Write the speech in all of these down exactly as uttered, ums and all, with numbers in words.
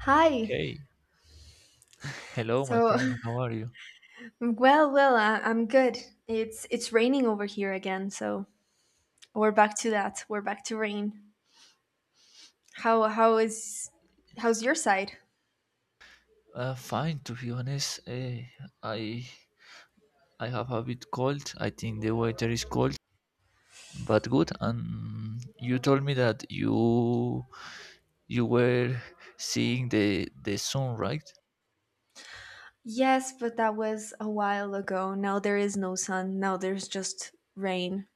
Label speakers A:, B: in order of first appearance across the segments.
A: Hi.
B: Hey, hello, my
A: So,
B: friend. How are you?
A: well, well, I, I'm good. It's it's raining over here again, so we're back to that. We're back to rain. How how is how's your side?
B: Uh, fine, to be honest. eh, I I have a bit cold. I think the weather is cold, but good. And you told me that you you were seeing the the sun, right?
A: Yes, but that was a while ago. Now there is no sun. Now there's just rain.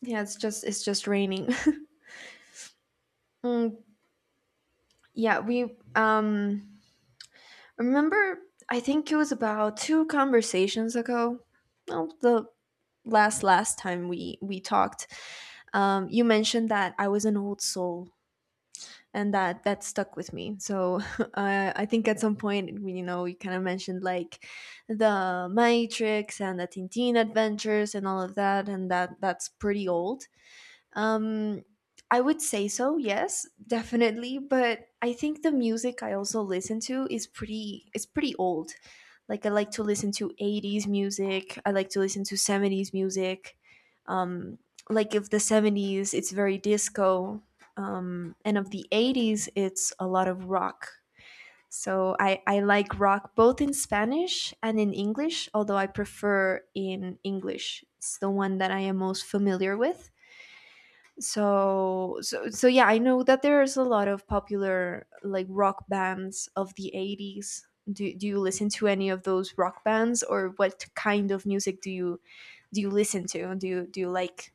A: Yeah, it's just it's just raining. Mm, yeah, we um remember I think it was about two conversations ago. Well, the last last time we we talked, um, you mentioned that I was an old soul and that that stuck with me. So uh, I think at some point, you know, you kind of mentioned like the Matrix and the Tintin adventures and all of that, and that that's pretty old. Um, I would say so, yes, definitely. But I think the music I also listen to is pretty it's pretty old. Like I like to listen to eighties music. I like to listen to seventies music. Um, like if the seventies, it's very disco. Um, and of the eighties, it's a lot of rock. So I, I like rock both in Spanish and in English, although I prefer in English. It's the one that I am most familiar with, so so so yeah, I know that there's a lot of popular like rock bands of the eighties. Do, do you listen to any of those rock bands, or what kind of music do you do you listen to? Do you do you like...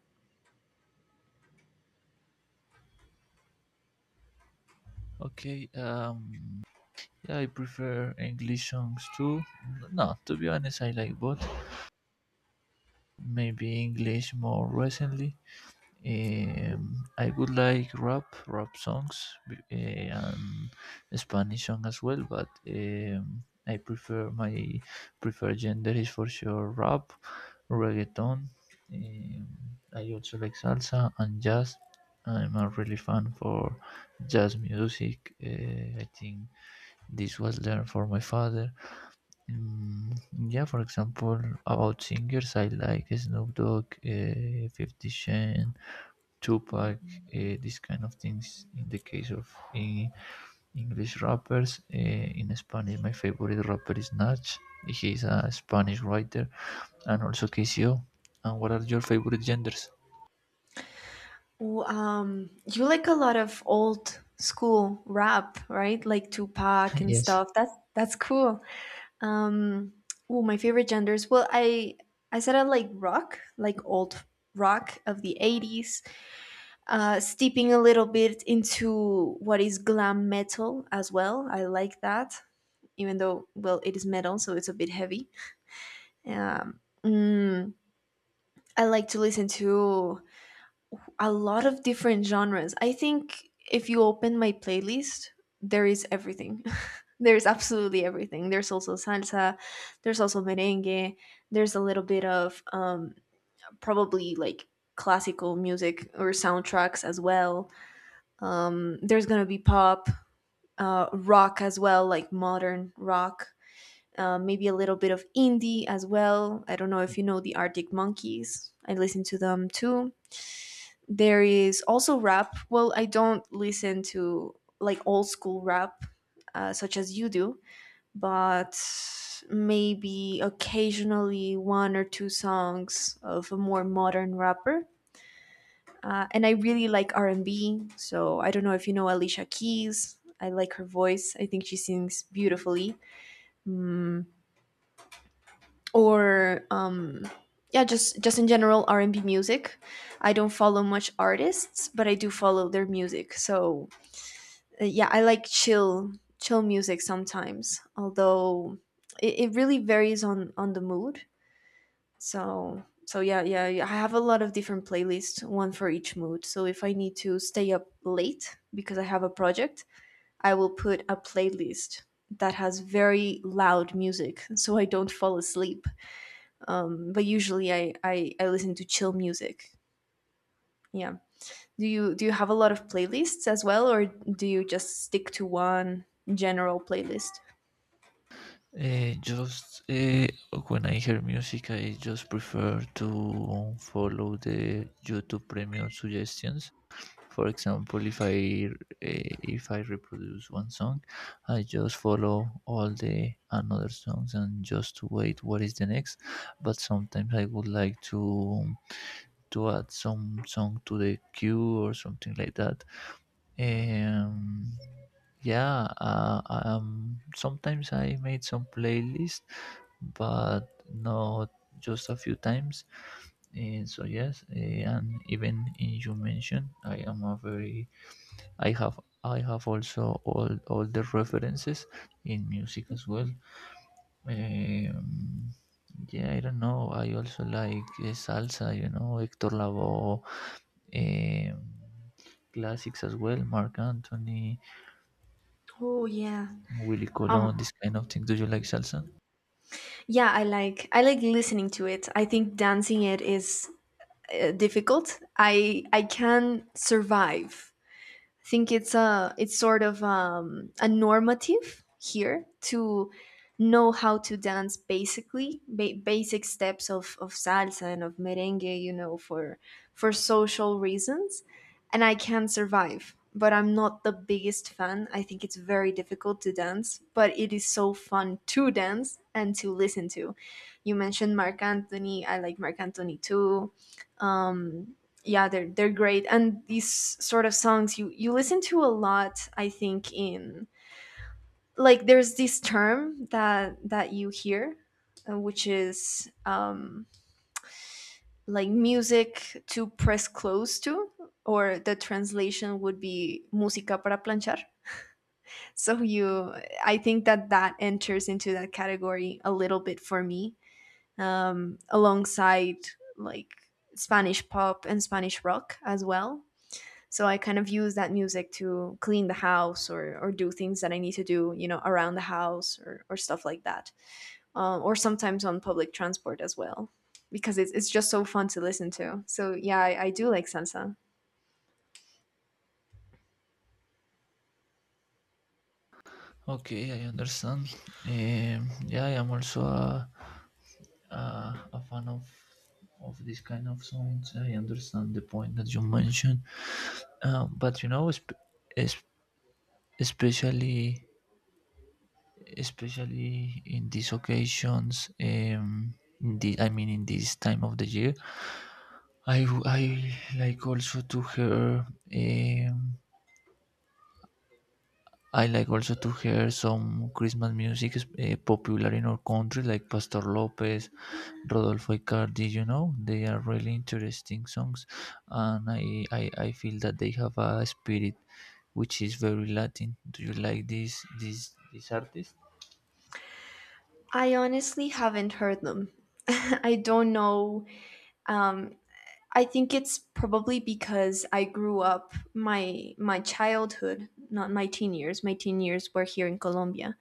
B: Okay. Um. Yeah, I prefer English songs too. No, to be honest, I like both. Maybe English more recently. Um, I would like rap, rap songs, b- eh, and Spanish song as well. But um, I prefer my preferred gender is for sure rap, reggaeton. Um, I also like salsa and jazz. I'm a really fan for jazz music. Uh, I think this was learned for my father. Mm, yeah, for example, about singers, I like Snoop Dogg, uh, 50 Cent, Tupac, this kind of things. In the case of eh, English rappers, eh, in Spanish, my favorite rapper is Nach. He's a Spanish writer, and also K C O. And what are your favorite genders?
A: Ooh, um you like a lot of old school rap, right? Like Tupac and
B: Yes.
A: stuff. That's that's cool. um oh, my favorite genders? Well i i said I like rock, like old rock of the eighties, uh, steeping a little bit into what is glam metal as well. I like that, even though, well, it is metal, so it's a bit heavy. Um, mm, I like to listen to a lot of different genres. I think if you open my playlist, there is everything. There's absolutely everything. There's also salsa, there's also merengue, there's a little bit of um, probably like classical music or soundtracks as well. Um, there's gonna be pop, uh, rock as well, like modern rock. Uh, maybe a little bit of indie as well. I don't know if you know the Arctic Monkeys. I listen to them too. There is also rap. Well, I don't listen to like old school rap uh, such as you do, but maybe occasionally one or two songs of a more modern rapper. Uh, and I really like R and B. So I don't know if you know Alicia Keys. I like her voice. I think she sings beautifully. Mm, or um, yeah, just just in general R and B music. I don't follow much artists, but I do follow their music. So uh, yeah, I like chill chill music sometimes, although it, it really varies on on the mood. So so yeah, yeah, yeah, I have a lot of different playlists, one for each mood. So if I need to stay up late because I have a project, I will put a playlist that has very loud music so I don't fall asleep. um, but usually I, I I listen to chill music. Yeah. Do you do you have a lot of playlists as well, or do you just stick to one general playlist?
B: Uh, just uh, When I hear music, I just prefer to follow the YouTube Premium suggestions. For example, if I uh, if I reproduce one song, I just follow all the another songs and just to wait what is the next. But sometimes I would like to to add some song to the queue or something like that. Um, yeah, uh, um, sometimes I made some playlist, but not just a few times. And so yes, eh, and even eh, you mentioned I am a very, I have I have also all all the references in music as well. Um, yeah, I don't know. I also like uh, salsa, you know, Hector Lavoe, um, classics as well, Mark Anthony,
A: Oh yeah.
B: Willie Colon,
A: Um.
B: this kind of thing. Do you like salsa?
A: Yeah, I like I like listening to it. I think dancing it is uh, difficult. I I can survive. I think it's a it's sort of um, a normative here to know how to dance basically ba- basic steps of, of salsa and of merengue, you know, for for social reasons. And I can survive, but I'm not the biggest fan. I think it's very difficult to dance, but it is so fun to dance and to listen to. You mentioned Marc Anthony. I like Marc Anthony too. Um, yeah, they're they're great. And these sort of songs you you listen to a lot, I think. In like there's this term that that you hear, uh, which is um like music to press close to, or the translation would be música para planchar. So you... I think that that enters into that category a little bit for me, um alongside like Spanish pop and Spanish rock as well. So I kind of use that music to clean the house or, or do things that I need to do, you know, around the house or, or stuff like that. Um, or sometimes on public transport as well, because it's, it's just so fun to listen to. So yeah, I, I do like salsa.
B: Okay, I understand. Um, yeah, I am also a, a, a fan of of this kind of songs. I understand the point that you mentioned, um, but you know, sp- especially especially in these occasions, um in the I mean, in this time of the year, i w- I like also to hear, um i like also to hear some Christmas music is, uh, popular in our country, like Pastor Lopez, Rodolfo Icardi. You know they are really interesting songs, and i i, I feel that they have a spirit which is very Latin. Do you like this this this artist?
A: I honestly haven't heard them. I don't know. Um, I think it's probably because I grew up my my childhood, not my teen years. My teen years were here in Colombia,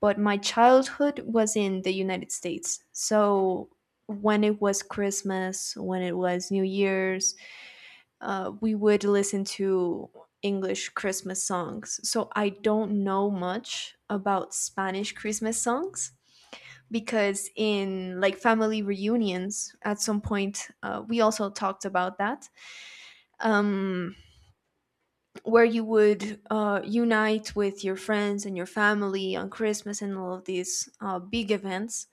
A: but my childhood was in the United States. So when it was Christmas, when it was New Year's, uh, we would listen to English Christmas songs. So I don't know much about Spanish Christmas songs because in like family reunions at some point uh, we also talked about that, um, where you would uh, unite with your friends and your family on Christmas and all of these uh, big events.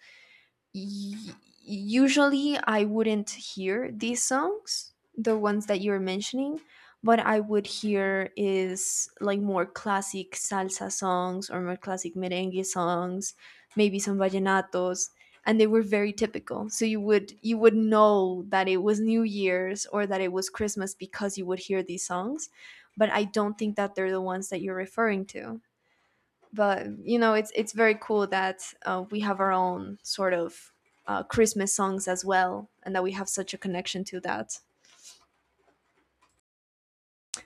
A: y- Usually I wouldn't hear these songs, the ones that you're mentioning. What I would hear is like more classic salsa songs or more classic merengue songs, maybe some vallenatos, and they were very typical. So you would you would know that it was New Year's or that it was Christmas because you would hear these songs, but I don't think that they're the ones that you're referring to. But you know, it's it's very cool that uh, we have our own sort of uh, Christmas songs as well, and that we have such a connection to that.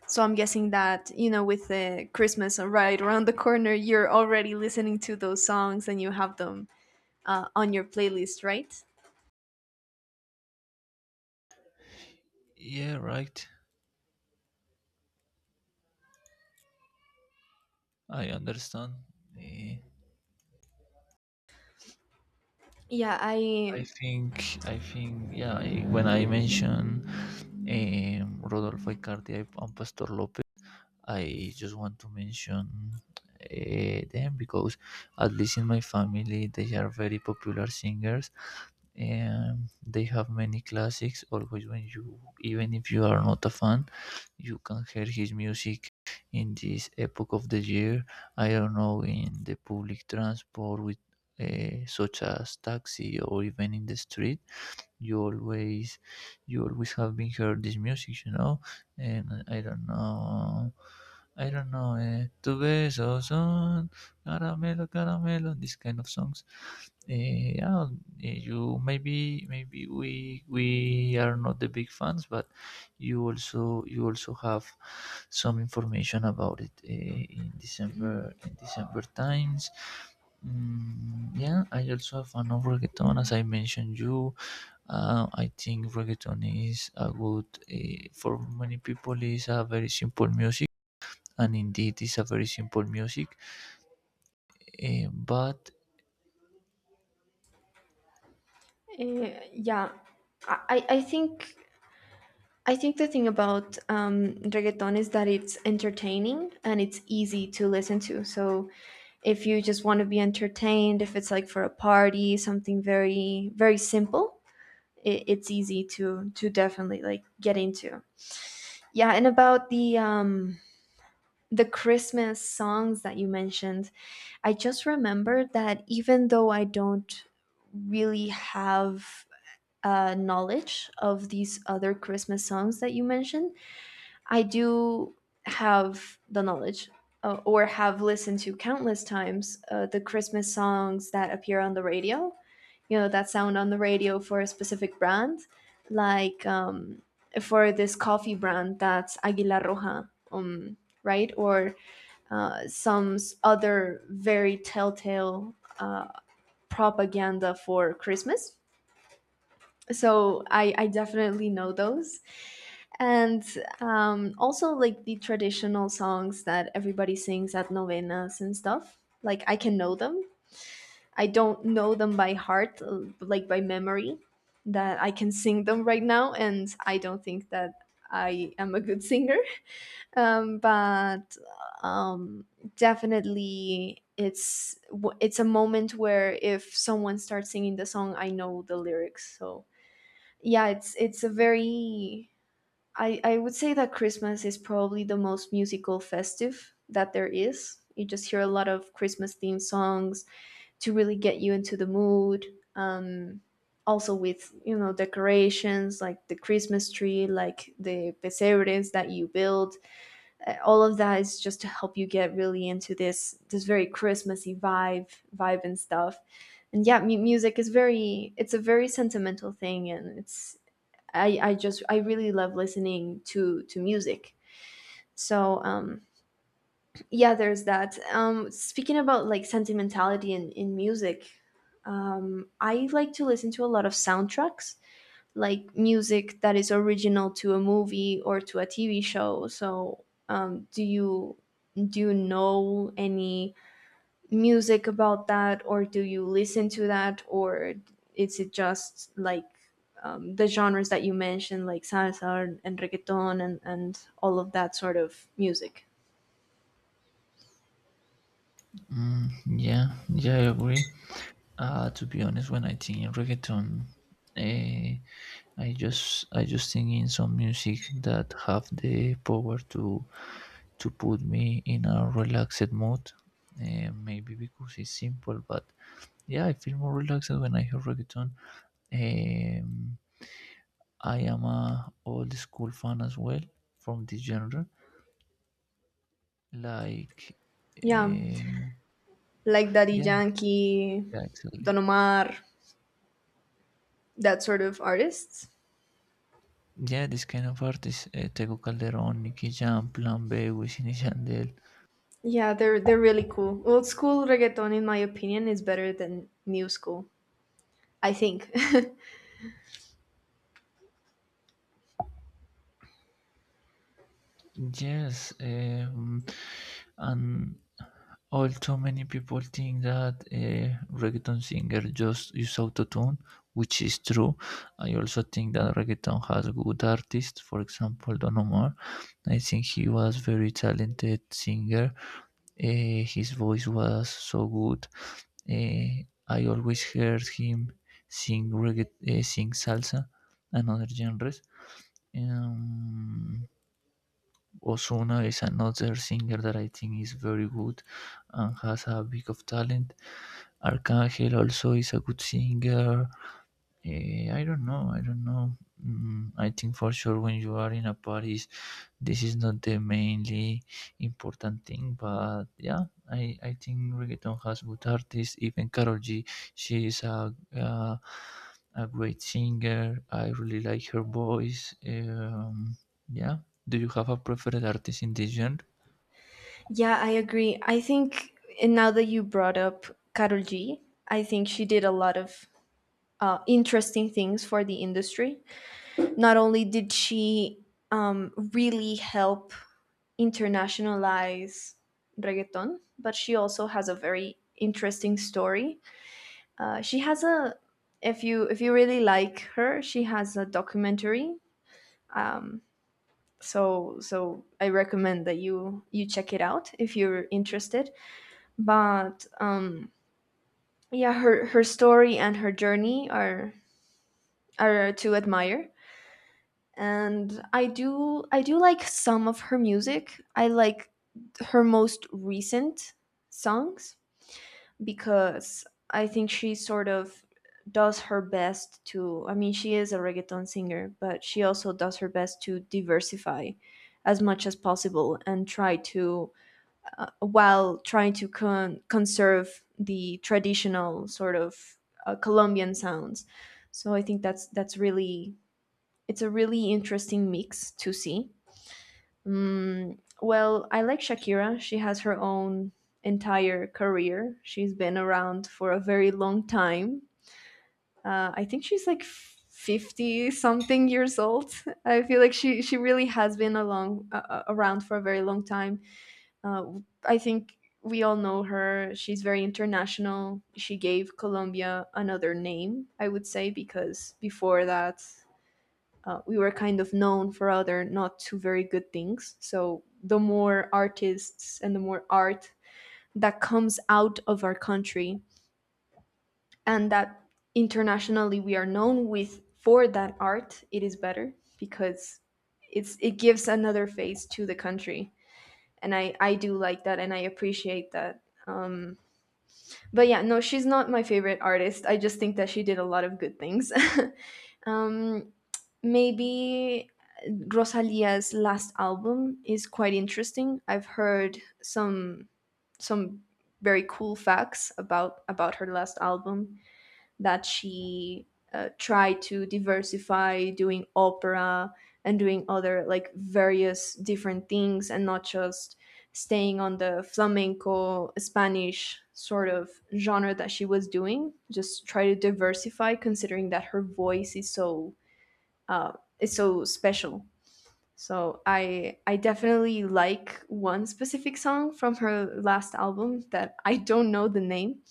A: So I'm guessing that you know, with the Christmas right around the corner, you're already listening to those songs and you have them uh, on your playlist, right?
B: Yeah, right. I understand. Eh,
A: Yeah,
B: I
A: I.
B: think, I think, yeah. I, when I mention um, Rodolfo Icardi and Pastor Lopez, I just want to mention uh, them because, at least in my family, they are very popular singers, um, they have many classics. Always, when you even if you are not a fan, you can hear his music in this epoch of the year. I don't know, in the public transport, with uh, such as taxi, or even in the street, you always you always have been heard this music you know and i don't know i don't know, eh, tu beso son, caramelo caramelo, this kind of songs. Eh, yeah. Eh, you, maybe maybe we we are not the big fans, but you also you also have some information about it, eh, in
A: Mm.
B: december in december times. Mm, yeah, I also have fan of reggaeton, as
A: Yeah.
B: I mentioned you. Uh, I think reggaeton is a good, uh, for many people is a very simple music, and indeed it's a very simple music. Uh, but
A: Eh, yeah. I, I I think I think the thing about um, reggaeton is that it's entertaining and it's easy to listen to. So if you just want to be entertained, if it's like for a party, something very very simple, it, it's easy to to definitely like get into. Yeah, and about the um, the Christmas songs that you mentioned, I just remembered that even though I don't really have uh, knowledge of these other Christmas songs that you mentioned, I do have the knowledge uh, or have listened to countless times uh, the Christmas songs that appear on the radio, you know, that sound on the radio for a specific brand, like um, for this coffee brand that's Aguila Roja, um, right? Or uh, some other very telltale uh, propaganda for Christmas. So I, I definitely know those. And um, also like the traditional songs that everybody sings at novenas and stuff. Like I can know them. I don't know them by heart, uh, like by memory, that I can sing them right now. And I don't think that I am a good singer. um, but um, definitely it's w- it's a moment where if someone starts singing the song, I know the lyrics. So yeah, it's it's a very... i i would say that Christmas is probably the most musical festive that there is. You just hear a lot of christmas themed songs to really get you into the mood. um also with, you know, decorations like the Christmas tree, like the pesebres that you build. Uh, all of that is just to help you get really into this this very christmassy vibe vibe and stuff. And yeah, mu- music is very... it's a very sentimental thing. And it's... I, I just I really love listening to to music. So um, yeah, there's that. Um, speaking about like sentimentality in in music, um, I like to listen to a lot of soundtracks, like music that is original to a movie or to a T V show. So um, do you do you know any music about that, or do you listen to that, or is it just like um, the genres that you mentioned, like salsa and, reggaeton and, and all of that sort of music.
B: mm, yeah, yeah, I agree. Uh, to be honest, when I think in reggaeton, uh, I just I just think in some music that have the power to to put me in a relaxed mood. Uh, maybe because it's simple, but yeah, I feel more relaxed when I hear reggaeton. Um, I am a old school fan as well from this genre. Like,
A: Yeah,
B: um,
A: like Daddy
B: yeah,
A: Yankee,
B: yeah, exactly.
A: Don Omar, that sort of artists.
B: Yeah, this kind of artists, uh, Tego Calderón, Nicky Jam, Plan B, Wisin y Yandel.
A: Yeah, they're they're really cool. Old school reggaeton, in my opinion, is better than new school, I think.
B: Yes, um, and all too many people think that uh, reggaeton singer just use autotune, which is true. I also think that reggaeton has good artists. For example, Don Omar. I think he was very talented singer. Uh, his voice was so good. Uh, I always heard him sing reggae, uh, sing salsa and other genres. Um, Osuna is another singer that I think is very good and has a bit of talent. Arcangel also is a good singer. Eh, I don't know. I don't know. Mm, I think for sure when you are in a party, this is not the mainly important thing. But yeah, I, I think reggaeton has good artists. Even Carol G, she is a uh, a great singer. I really like her voice. Um, yeah. Do you have a preferred artist in this genre?
A: Yeah, I agree. I think, and now that you brought up Karol G, I think she did a lot of uh, interesting things for the industry. Not only did she um, really help internationalize reggaeton, but she also has a very interesting story. Uh, she has a... if you if you really like her, she has a documentary. Um, so so I recommend that you you check it out if you're interested. But um, yeah, her her story and her journey are are to admire. And i do i do like some of her music. I like her most recent songs, because I think she sort of does her best to, i mean she is a reggaeton singer, but she also does her best to diversify as much as possible and try to uh, while trying to con- conserve the traditional sort of uh, Colombian sounds. So I think that's that's really, it's a really interesting mix to see. Mm, well, I like Shakira. She has her own entire career. She's been around for a very long time. Uh, I think she's like fifty something years old. I feel like she she really has been along uh, uh, around for a very long time. Uh, I think we all know her. She's very international. She gave Colombia another name, I would say, because before that uh, we were kind of known for other not too very good things. So the more artists and the more art that comes out of our country, and that internationally we are known with for that art, it is better because it's it gives another face to the country. And I, I do like that and I appreciate that. Um, but yeah, no, she's not my favorite artist. I just think that she did a lot of good things. um, maybe Rosalia's last album is quite interesting. I've heard some some very cool facts about about her last album, that she uh, tried to diversify doing opera and doing other like various different things, and not just staying on the flamenco Spanish sort of genre that she was doing. Just try to diversify, considering that her voice is so uh, is so special. So I I definitely like one specific song from her last album that I don't know the name,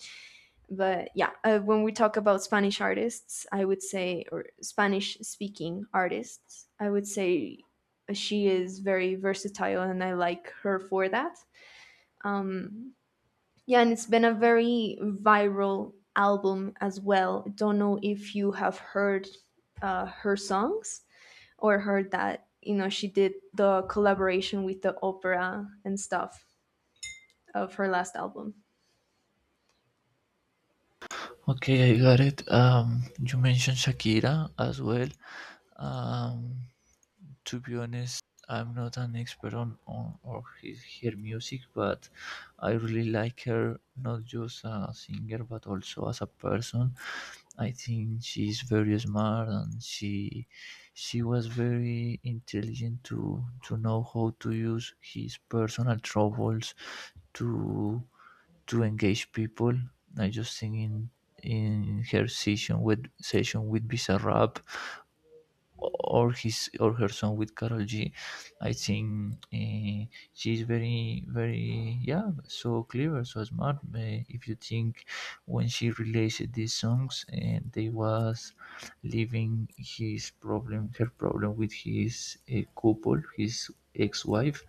A: but yeah, uh, when we talk about Spanish artists, I would say, or Spanish speaking artists, I would say she is very versatile and I like her for that. Um, yeah, and it's been a very viral album as well. Don't know if you have heard uh, her songs, or heard that you know she did the collaboration with the opera and stuff of her last album.
B: Okay, I got it. Um, you mentioned Shakira as well. Um, to be honest, I'm not an expert on, on or his, her music, but I really like her not just as a singer but also as a person. I think she's very smart and she she was very intelligent to to know how to use his personal troubles to to engage people. I just think in in her session with session with Bizarrap, or his or her song with Carol G. I think uh, she's very very, yeah, so clever, so smart. Uh, if you think when she released these songs, uh, they was leaving his problem, her problem, with his uh, couple, his ex-wife,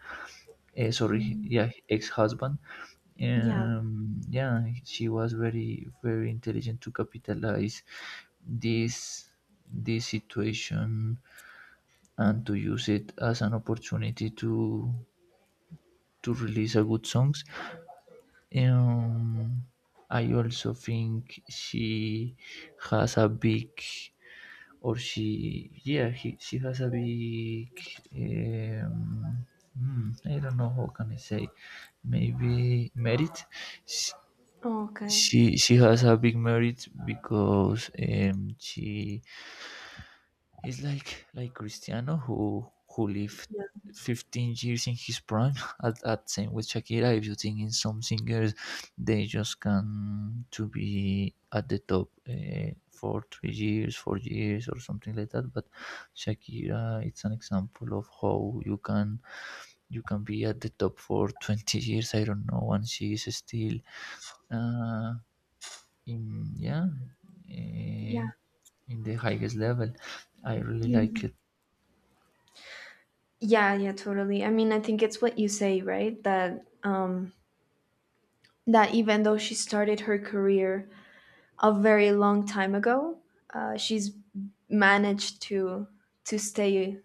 B: uh, sorry,
A: Mm.
B: yeah, ex-husband.
A: Yeah.
B: Um yeah, she was very very intelligent to capitalize this this situation and to use it as an opportunity to to release a good songs. Um, I also think she has a big, or she yeah he, she has a big, um, hmm, I don't know how can I say, maybe merit. She
A: Oh, okay.
B: she, she has a big merit because um, she He's like like Cristiano who who lived
A: Yeah.
B: 15 years in his prime at, at same with Shakira, if you think in some singers, they just can to be at the top uh, for three years, four years or something like that. But Shakira it's an example of how you can you can be at the top for 20 years, I don't know, and she is still, uh, in yeah uh,
A: Yeah.
B: in the highest level. I really like
A: Mhm.
B: it.
A: Yeah, yeah, totally. I mean, I think it's what you say, right? That um that even though she started her career a very long time ago, uh, she's managed to to stay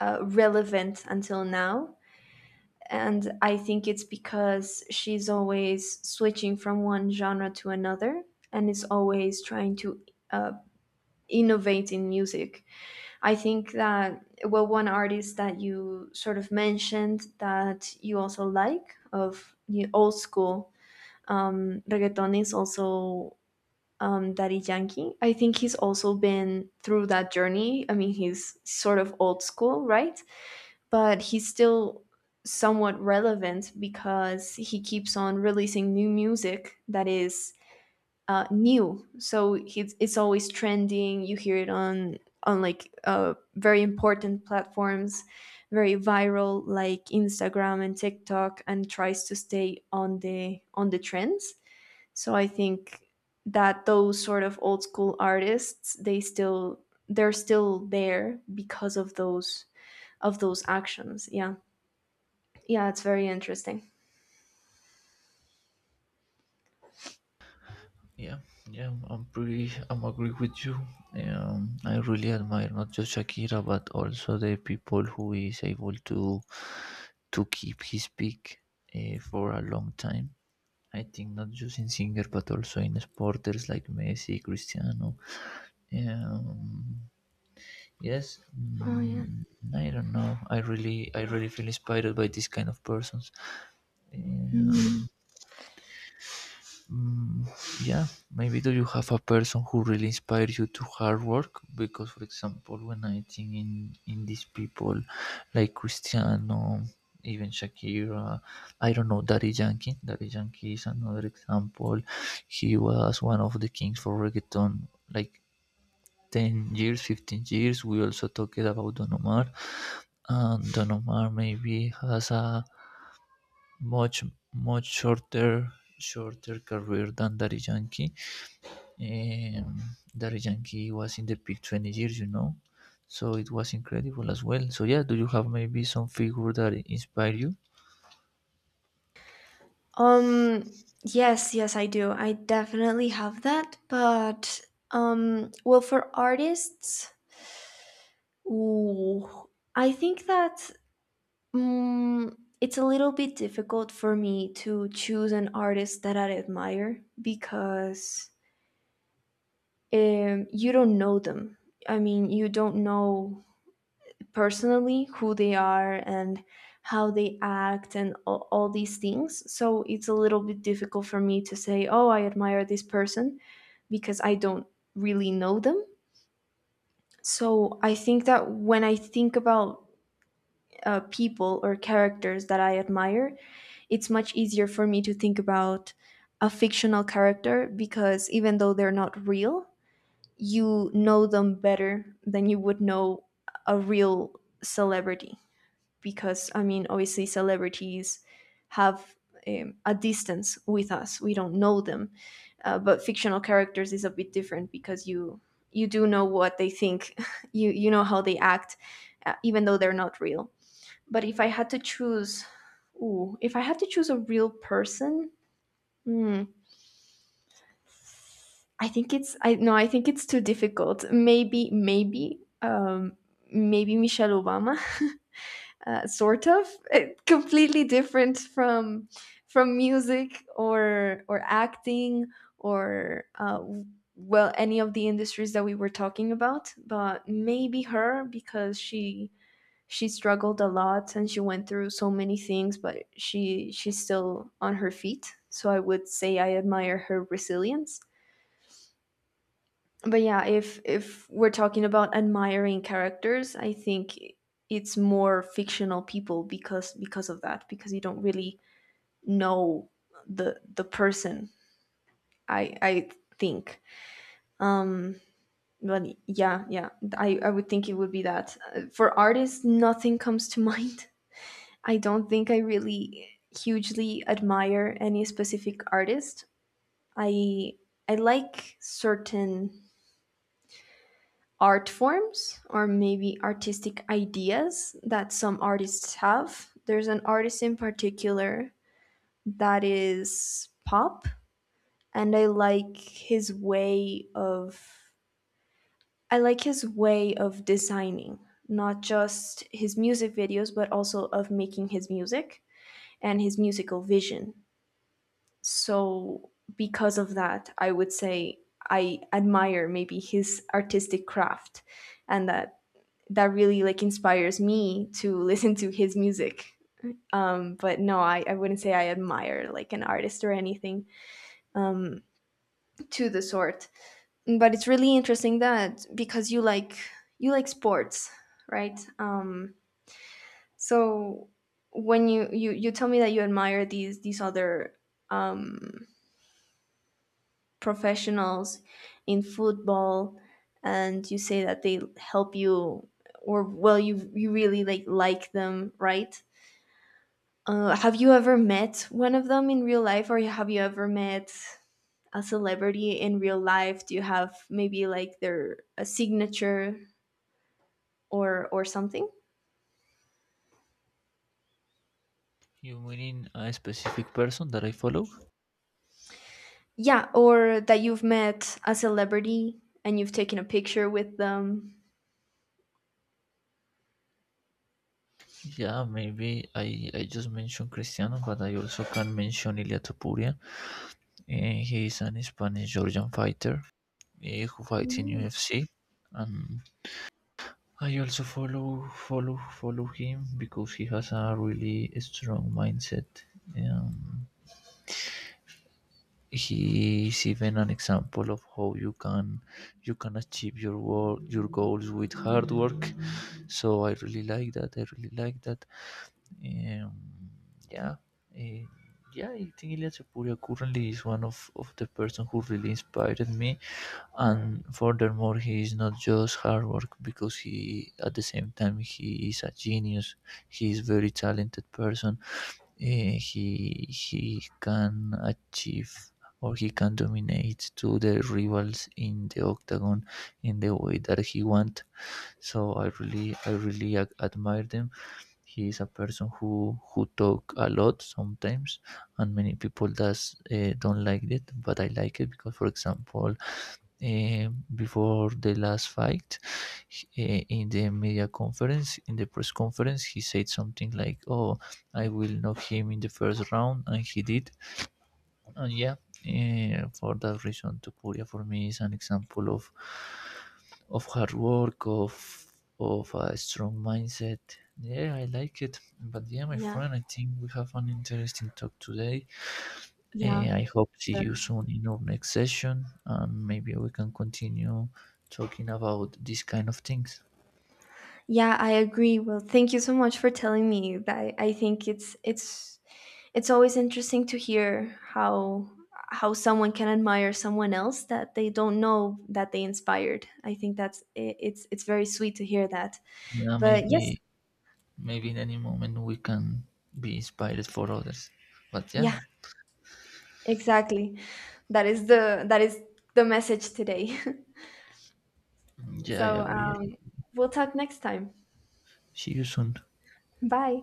A: uh, relevant until now, and I think it's because she's always switching from one genre to another, and is always trying to uh, innovate in music. I think that, well, one artist that you sort of mentioned that you also like of the old school um, reggaeton is also um, Daddy Yankee. I think he's also been through that journey. I mean, he's sort of old school, right? But he's still somewhat relevant because he keeps on releasing new music that is uh, new. So it's it's always trending. You hear it on on like uh, very important platforms, very viral, like Instagram and TikTok, and tries to stay on the on the trends. So I think that those sort of old school artists, they still they're still there because of those of those actions. Yeah. Yeah, it's very interesting.
B: Yeah, yeah, I'm pretty, I'm agree with you. Um, I really admire not just Shakira, but also the people who is able to to keep his peak uh, for a long time. I think not just in singer, but also in sporters like Messi, Cristiano. Um, yes,
A: Oh yeah.
B: mm, I don't know. I really, I really feel inspired by this kind of persons. Um,
A: Mhm.
B: Mm, yeah, maybe do you have a person who really inspires you to hard work? Because, for example, when I think in in these people like Cristiano, even Shakira, I don't know, Daddy Yankee. Daddy Yankee is another example. He was one of the kings for reggaeton, like ten years, fifteen years. We also talked about Don Omar, and Don Omar maybe has a much much shorter shorter career than Daddy Yankee. um, Daddy Yankee was in the peak 20 years, you know, so it was incredible as well. So, yeah, do you have maybe some figure that inspire you?
A: Um yes, yes I do. I definitely have that, but um well, for artists, ooh, I think that mm it's a little bit difficult for me to choose an artist that I admire, because um you don't know them. I mean, you don't know personally who they are and how they act and all, all these things, so it's a little bit difficult for me to say, oh, I admire this person because I don't really know them. So I think that when I think about uh, people or characters that I admire, it's much easier for me to think about a fictional character, because even though they're not real, you know them better than you would know a real celebrity. Because I mean, obviously, celebrities have um, a distance with us; we don't know them. Uh, but fictional characters is a bit different, because you you do know what they think, you you know how they act, uh, even though they're not real. But if I had to choose, ooh, if I had to choose a real person, hmm, I think it's I no, I think it's too difficult. Maybe maybe um, maybe Michelle Obama. uh, sort of completely different from from music or or acting or uh, w- well, any of the industries that we were talking about, but maybe her, because she she struggled a lot and she went through so many things, but she she's still on her feet. So I would say I admire her resilience. But yeah, if if we're talking about admiring characters, I think it's more fictional people, because because of that, because you don't really know the the person. I I think um but yeah, yeah, i i would think it would be that. Uh, for artists, nothing comes to mind. I don't think I really hugely admire any specific artist. i I like certain art forms, or maybe artistic ideas that some artists have. There's an artist in particular that is pop, and I like his way of I like his way of designing, not just his music videos but also of making his music and his musical vision. So because of that, I would say I admire maybe his artistic craft, and that that really like inspires me to listen to his music. Um, but no, I, I wouldn't say I admire like an artist or anything, um, to the sort. But it's really interesting that, because you like you like sports, right? Um, so when you, you you tell me that you admire these these other um, professionals in football, and you say that they help you, or well, you you really like like them, right? Uh, have you ever met one of them in real life, or have you ever met a celebrity in real life? Do you have maybe like their a signature or or something?
B: You meaning a specific person that I follow?
A: Yeah, or that you've met a celebrity and you've taken a picture with them.
B: Yeah, maybe I, I just mentioned Cristiano, but I also can mention Ilia Topuria. Eh, he is an Spanish Georgian fighter, eh, who fights in
A: Mm.
B: U F C. And I also follow follow follow him because he has a really strong mindset. Um, He is even an example of how you can you can achieve your work your goals with hard work. So I really like that. I really like that. Um, yeah, eh, yeah. I think Ilya Tepuria currently is one of of the person who really inspired me. And furthermore, he is not just hard work because he at the same time he is a genius. He is very talented person, eh, he he can achieve, or he can dominate to the rivals in the octagon in the way that he want. So I really I really ac- admire them. He is a person who who talk a lot sometimes, and many people does uh, don't like it, but I like it because, for example, eh, before the last fight, h- eh, in the media conference in the press conference he said something like, oh, I will knock him in the first round, and he did. And yeah, eh, for that reason Topuria for me is an example of of hard work, of of a strong mindset. Yeah, I like it. But yeah, my
A: Yeah,
B: friend, I think we have an interesting talk today.
A: yeah,
B: Eh, I hope see
A: sure.
B: you soon in our next session. Um, maybe we can continue talking about these kind of things.
A: Yeah, I agree. Well, thank you so much for telling me that. I think it's it's it's always interesting to hear how how someone can admire someone else that they don't know that they inspired. I think that's i- it's it's very sweet to hear that.
B: Yeah,
A: But yes,
B: maybe maybe in any moment we can be inspired for others. But yeah,
A: yeah, exactly. That is the that is the message today.
B: yeah, I
A: So
B: agree.
A: um, we'll talk next time.
B: See you soon.
A: Bye.